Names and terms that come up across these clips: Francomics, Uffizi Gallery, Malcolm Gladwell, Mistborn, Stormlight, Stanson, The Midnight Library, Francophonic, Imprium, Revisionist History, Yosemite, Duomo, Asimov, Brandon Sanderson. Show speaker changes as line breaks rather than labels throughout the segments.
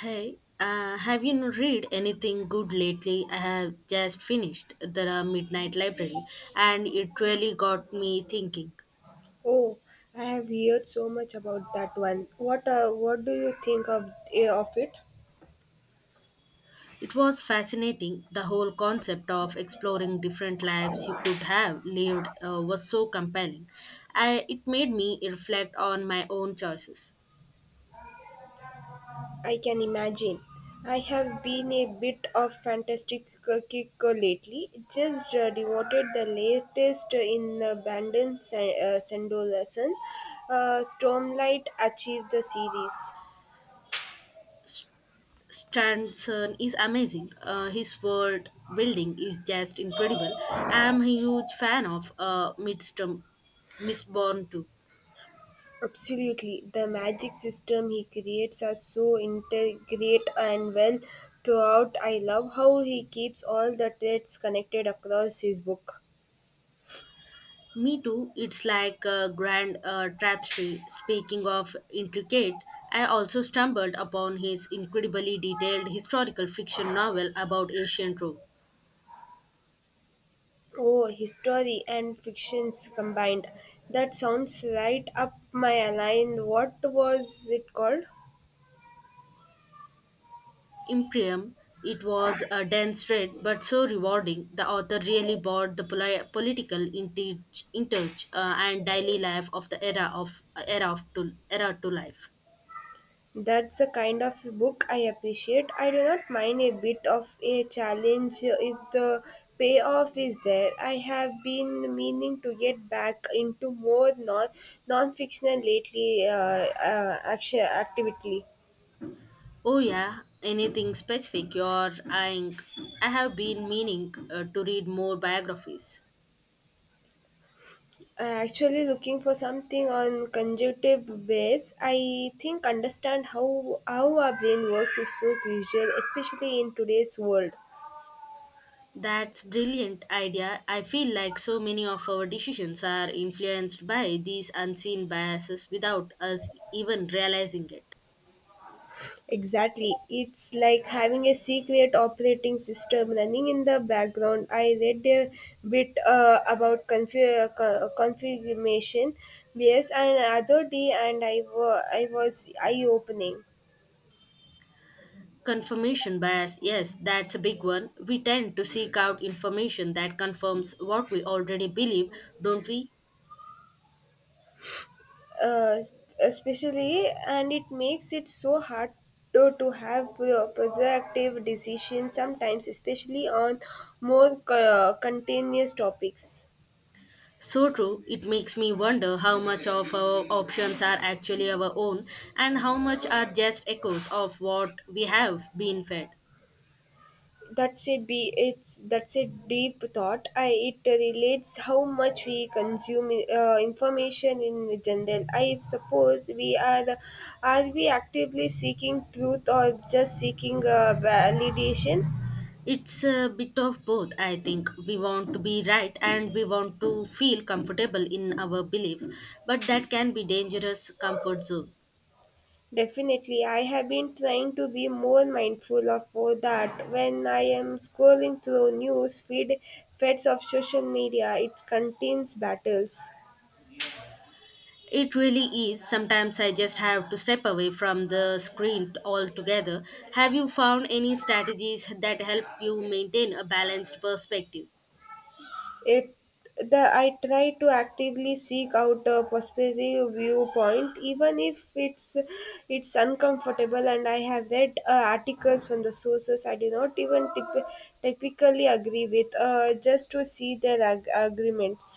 Hey, read anything good lately? I have just finished The Midnight Library and it really got me thinking.
Oh, I have heard so much about that one. What do you think of it?
It was fascinating. The whole concept of exploring different lives you could have lived was so compelling. It made me reflect on my own choices.
I can imagine. I have been a bit of fantastic kick lately. Just devoted the latest in Bandon Sandolerson. Stormlight achieved the series.
S- Stanson is amazing. His world building is just incredible. I am a huge fan of Mistborn too.
Absolutely. The magic system he creates are so integrate and well throughout. I love how he keeps all the threads connected across his book.
Me too, it's like a grand tapestry. Speaking of intricate, I also stumbled upon his incredibly detailed historical fiction novel about ancient Rome.
Oh, history and fictions combined. That sounds right up my line. What was it called?
Imprium, it was a dense read but so rewarding. The author really brought the political inter- interch and daily life of the era to life.
That's the kind of book I appreciate. I do not mind a bit of a challenge if the payoff is there. I have been meaning to get back into more non-fictional lately. Actually, actively,
Oh yeah, anything specific you're eyeing? I have been meaning to read more biographies.
I'm actually looking for something on conjunctive base. I think understand how our brain works is so crucial, especially in today's world.
That's brilliant idea. I feel like so many of our decisions are influenced by these unseen biases without us even realizing it.
Exactly. It's like having a secret operating system running in the background. I read a bit about confirmation bias and other day and I was eye-opening.
Confirmation bias, yes, that's a big one. We tend to seek out information that confirms what we already believe, don't we?
Uh, especially and it makes it so hard to have productive decisions sometimes especially on more continuous topics.
So true, it makes me wonder how much of our options are actually our own and how much are just echoes of what we have been fed.
That's a be it's that's a deep thought. I it relates how much we consume information in general. I suppose we are we actively seeking truth or just seeking validation?
It's a bit of both, I think. We want to be right and we want to feel comfortable in our beliefs, but that can be dangerous comfort zone.
Definitely. I have been trying to be more mindful of all that when I am scrolling through news feed feds of social media. It contains battles.
It really is. Sometimes I just have to step away from the screen altogether. Have you found any strategies that help you maintain a balanced perspective?
It the I try to actively seek out a perspective viewpoint even if it's uncomfortable, and I have read articles from the sources I do not even typically agree with, just to see their agreements.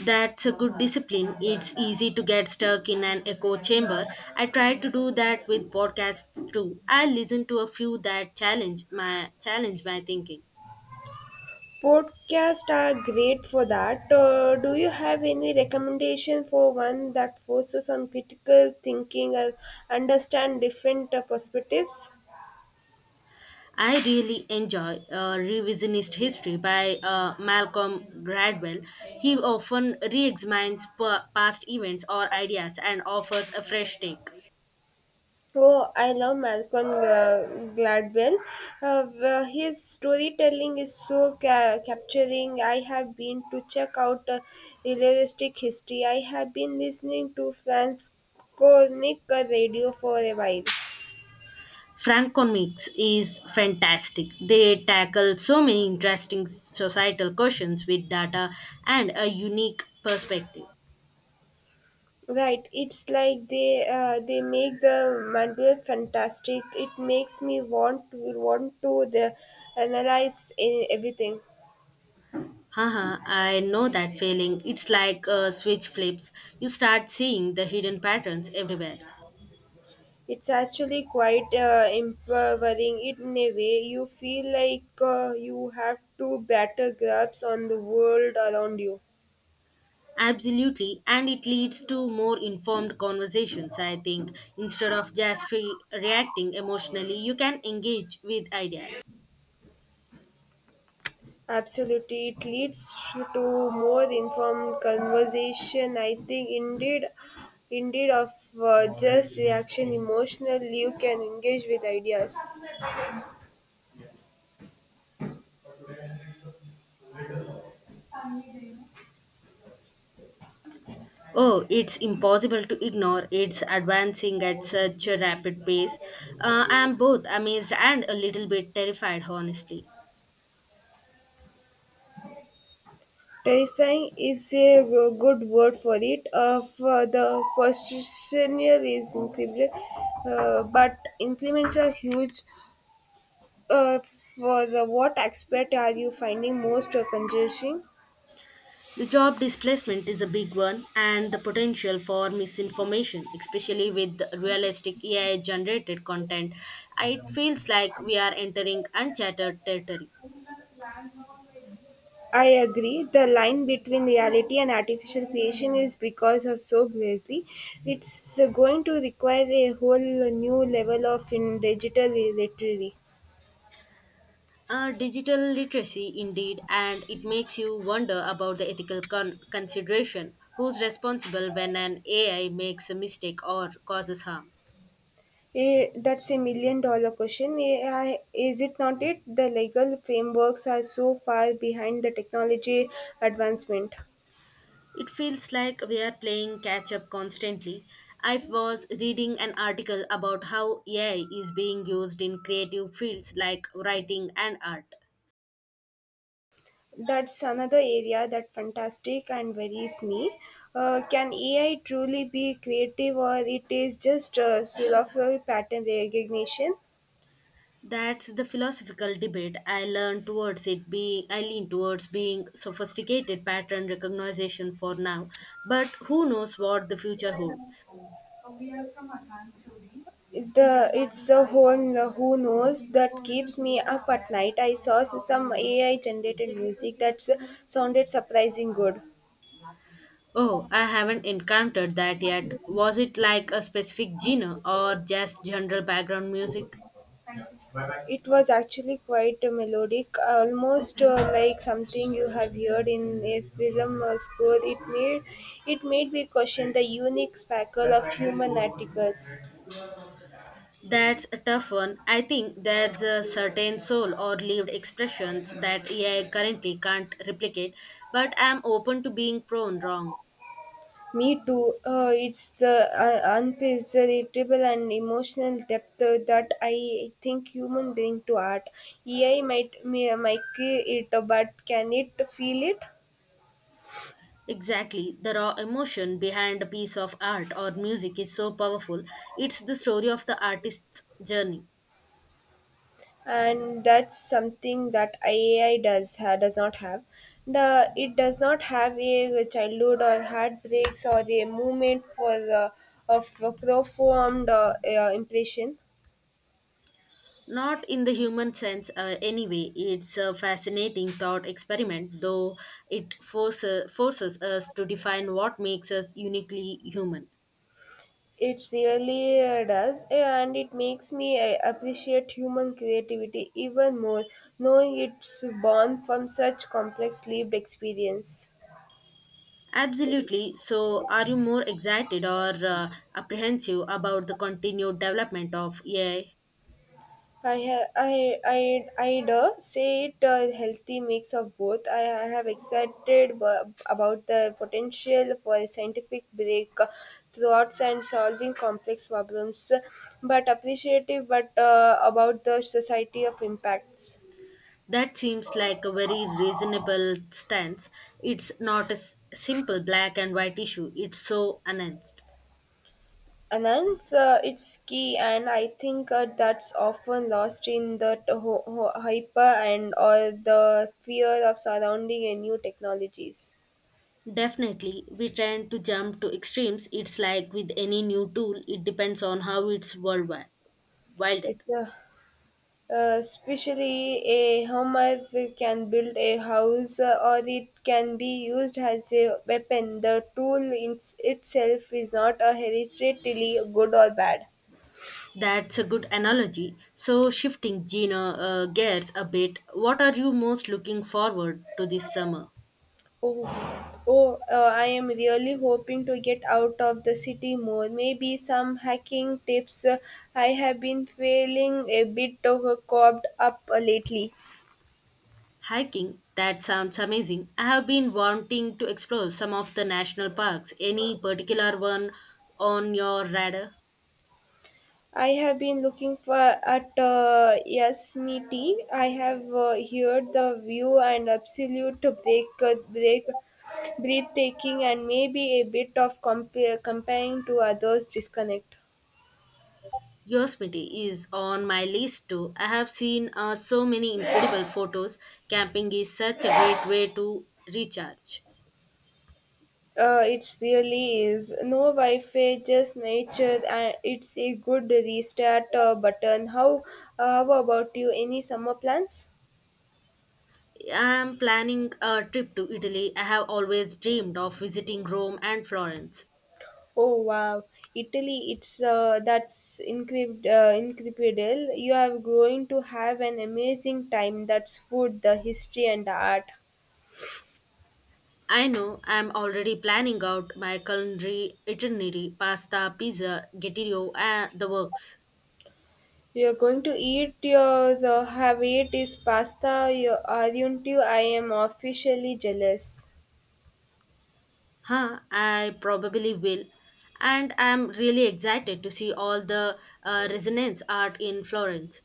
That's a good discipline. It's easy to get stuck in an echo chamber. I try to do that with podcasts too. I listen to a few that challenge my thinking.
Podcasts are great for that. Do you have any recommendation for one that focuses on critical thinking or understand different perspectives?
I really enjoy Revisionist History by Malcolm Gladwell. He often re-examines past events or ideas and offers a fresh take.
Oh, I love Malcolm Gladwell. His storytelling is so capturing. I have been to check out realistic history. I have been listening to Francophonic radio for a while.
Francomics is fantastic. They tackle so many interesting societal questions with data and a unique perspective.
Right, it's like they make the manual fantastic. It makes me want to the analyze in everything.
Haha, I know that feeling. It's like a switch flips. You start seeing the hidden patterns everywhere.
It's actually quite empowering in a way. You feel like you have to better grasp on the world around you.
Absolutely, and it leads to more informed conversations, I think. Instead of just reacting emotionally, you can engage with ideas.
Absolutely, it leads to more informed conversation. I think, indeed of just reaction emotionally, you can engage with ideas.
Oh, it's impossible to ignore. It's advancing at such a rapid pace. I am both amazed and a little bit terrified, honestly.
Terrifying is a good word for it. Of the positional is incredible, but increments are huge. Uh, for the what aspect are you finding most convincing?
The job displacement is a big one, and the potential for misinformation, especially with realistic AI generated content, it feels like we are entering uncharted territory.
I agree. The line between reality and artificial creation is because of so blurry. It's going to require a whole new level of in digital literacy.
Digital literacy, indeed, and it makes you wonder about the ethical consideration. Who's responsible when an AI makes a mistake or causes harm?
Eh, that's a million dollar question. AI, is it not it? The legal frameworks are so far behind the technology advancement.
It feels like we are playing catch up constantly. I was reading an article about how AI is being used in creative fields like writing and art.
That's another area that fantastic and worries me. Can AI truly be creative, or it is just a sort silver pattern recognition?
That's the philosophical debate I lean towards being sophisticated pattern recognition for now, but who knows what the future holds.
The whole who knows that keeps me up at night. I saw some AI generated music that sounded surprising good.
Oh, I haven't encountered that yet. Was it like a specific genre or just general background music?
It was actually quite melodic, almost like something you have heard in a film or score. It made me question the unique sparkle of human articles.
That's a tough one. I think there's a certain soul or lived expressions that AI currently can't replicate, but I'm open to being prone wrong.
Me too. It's the unpreservable and emotional depth that I think human bring to art. AI might may, might it, but can it feel it?
Exactly. The raw emotion behind a piece of art or music is so powerful. It's the story of the artist's journey.
And that's something that AI does not have. The It does not have a childhood or heartbreaks or a moment for of a profound impression.
Not in the human sense, anyway. It's a fascinating thought experiment, though it forces us to define what makes us uniquely human.
It really does, and it makes me appreciate human creativity even more, knowing it's born from such complex lived experience.
Absolutely. So, are you more excited or apprehensive about the continued development of AI?
I ha- I do say it a healthy mix of both. I have excited about the potential for scientific break thoughts and solving complex problems, but appreciative but about the society of impacts.
That seems like a very reasonable stance. It's not a simple black and white issue, it's so nuanced.
Anand, it's key, and I think that's often lost in the hyper and or the fear of surrounding a new technologies.
Definitely, we tend to jump to extremes. It's like with any new tool, it depends on how it's worldwide. Wielded.
It's the Especially a hammer can build a house or it can be used as a weapon. The tool in itself is not a hereditarily good or bad.
That's a good analogy. So, shifting Gina gears a bit, what are you most looking forward to this summer?
Oh, oh I am really hoping to get out of the city more. Maybe some hacking tips. I have been feeling a bit of a cobbled up lately.
Hiking, that sounds amazing. I have been wanting to explore some of the national parks. Any particular one on your radar?
I have been looking for at Yosemite. I have heard the view and absolute break, breathtaking, and maybe a bit of comparing to others disconnect.
Yosemite is on my list too. I have seen so many incredible photos. Camping is such a great way to recharge.
It really is no Wi-Fi, just nature, and it's a good restart button. How about you? Any summer plans?
I am planning a trip to Italy. I have always dreamed of visiting Rome and Florence.
Oh wow, Italy! It's That's incredible. You are going to have an amazing time. That's food, the history, and the art.
I know I am already planning out my culinary itinerary pasta, pizza, gettio, and the works.
You are going to eat your the have it is pasta. You aren't you? I am officially jealous.
Huh, I probably will. And I'm really excited to see all the resonance art in Florence.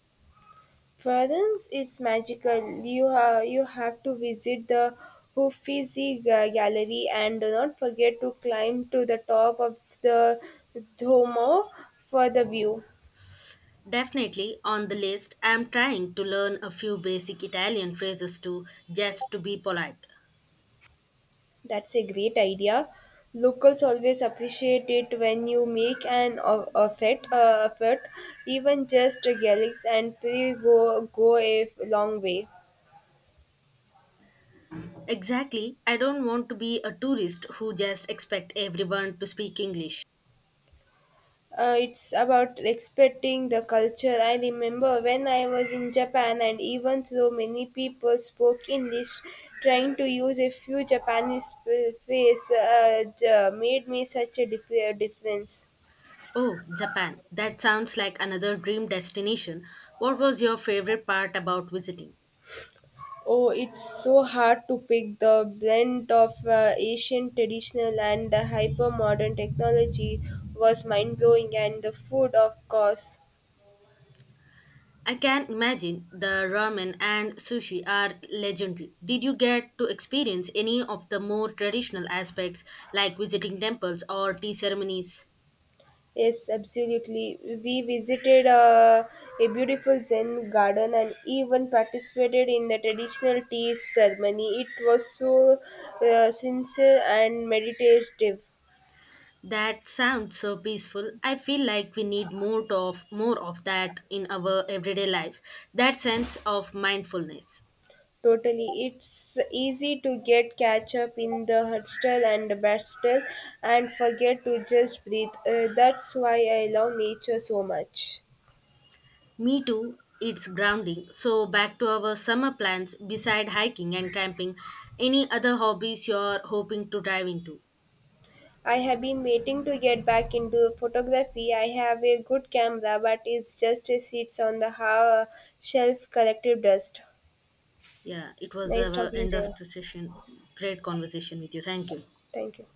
Florence is magical. You have to visit the Gallery and do not forget to climb to the top of the Duomo for the view.
Definitely on the list, I'm trying to learn a few basic Italian phrases too, just to be polite.
That's a great idea. Locals always appreciate it when you make an effort. Even just a galax and pre go go a long way.
Exactly, I don't want to be a tourist who just expect everyone to speak English.
It's about respecting the culture. I remember when I was in Japan, and even though many people spoke English, trying to use a few Japanese phrases made me such a dif- difference.
Oh, Japan. That sounds like another dream destination. What was your favorite part about visiting?
Oh, it's so hard to pick. The blend of Asian traditional and the hyper modern technology was mind blowing, and the food, of course.
I can imagine the ramen and sushi are legendary. Did you get to experience any of the more traditional aspects like visiting temples or tea ceremonies?
Yes, absolutely. We visited a beautiful Zen garden and even participated in the traditional tea ceremony. It was so sincere and meditative.
That sounds so peaceful. I feel like we need more of that in our everyday lives. That sense of mindfulness.
Totally. It's easy to get catch up in the hustle and the bustle and forget to just breathe. That's why I love nature so much.
Me too. It's grounding. So back to our summer plans beside hiking and camping, any other hobbies you're hoping to dive into?
I have been waiting to get back into photography. I have a good camera, but it's just a sits on the shelf collective dust.
Yeah, it was
Nice
the
talking
end
to
of
you.
the session. Great conversation with you. Thank you.
Thank you.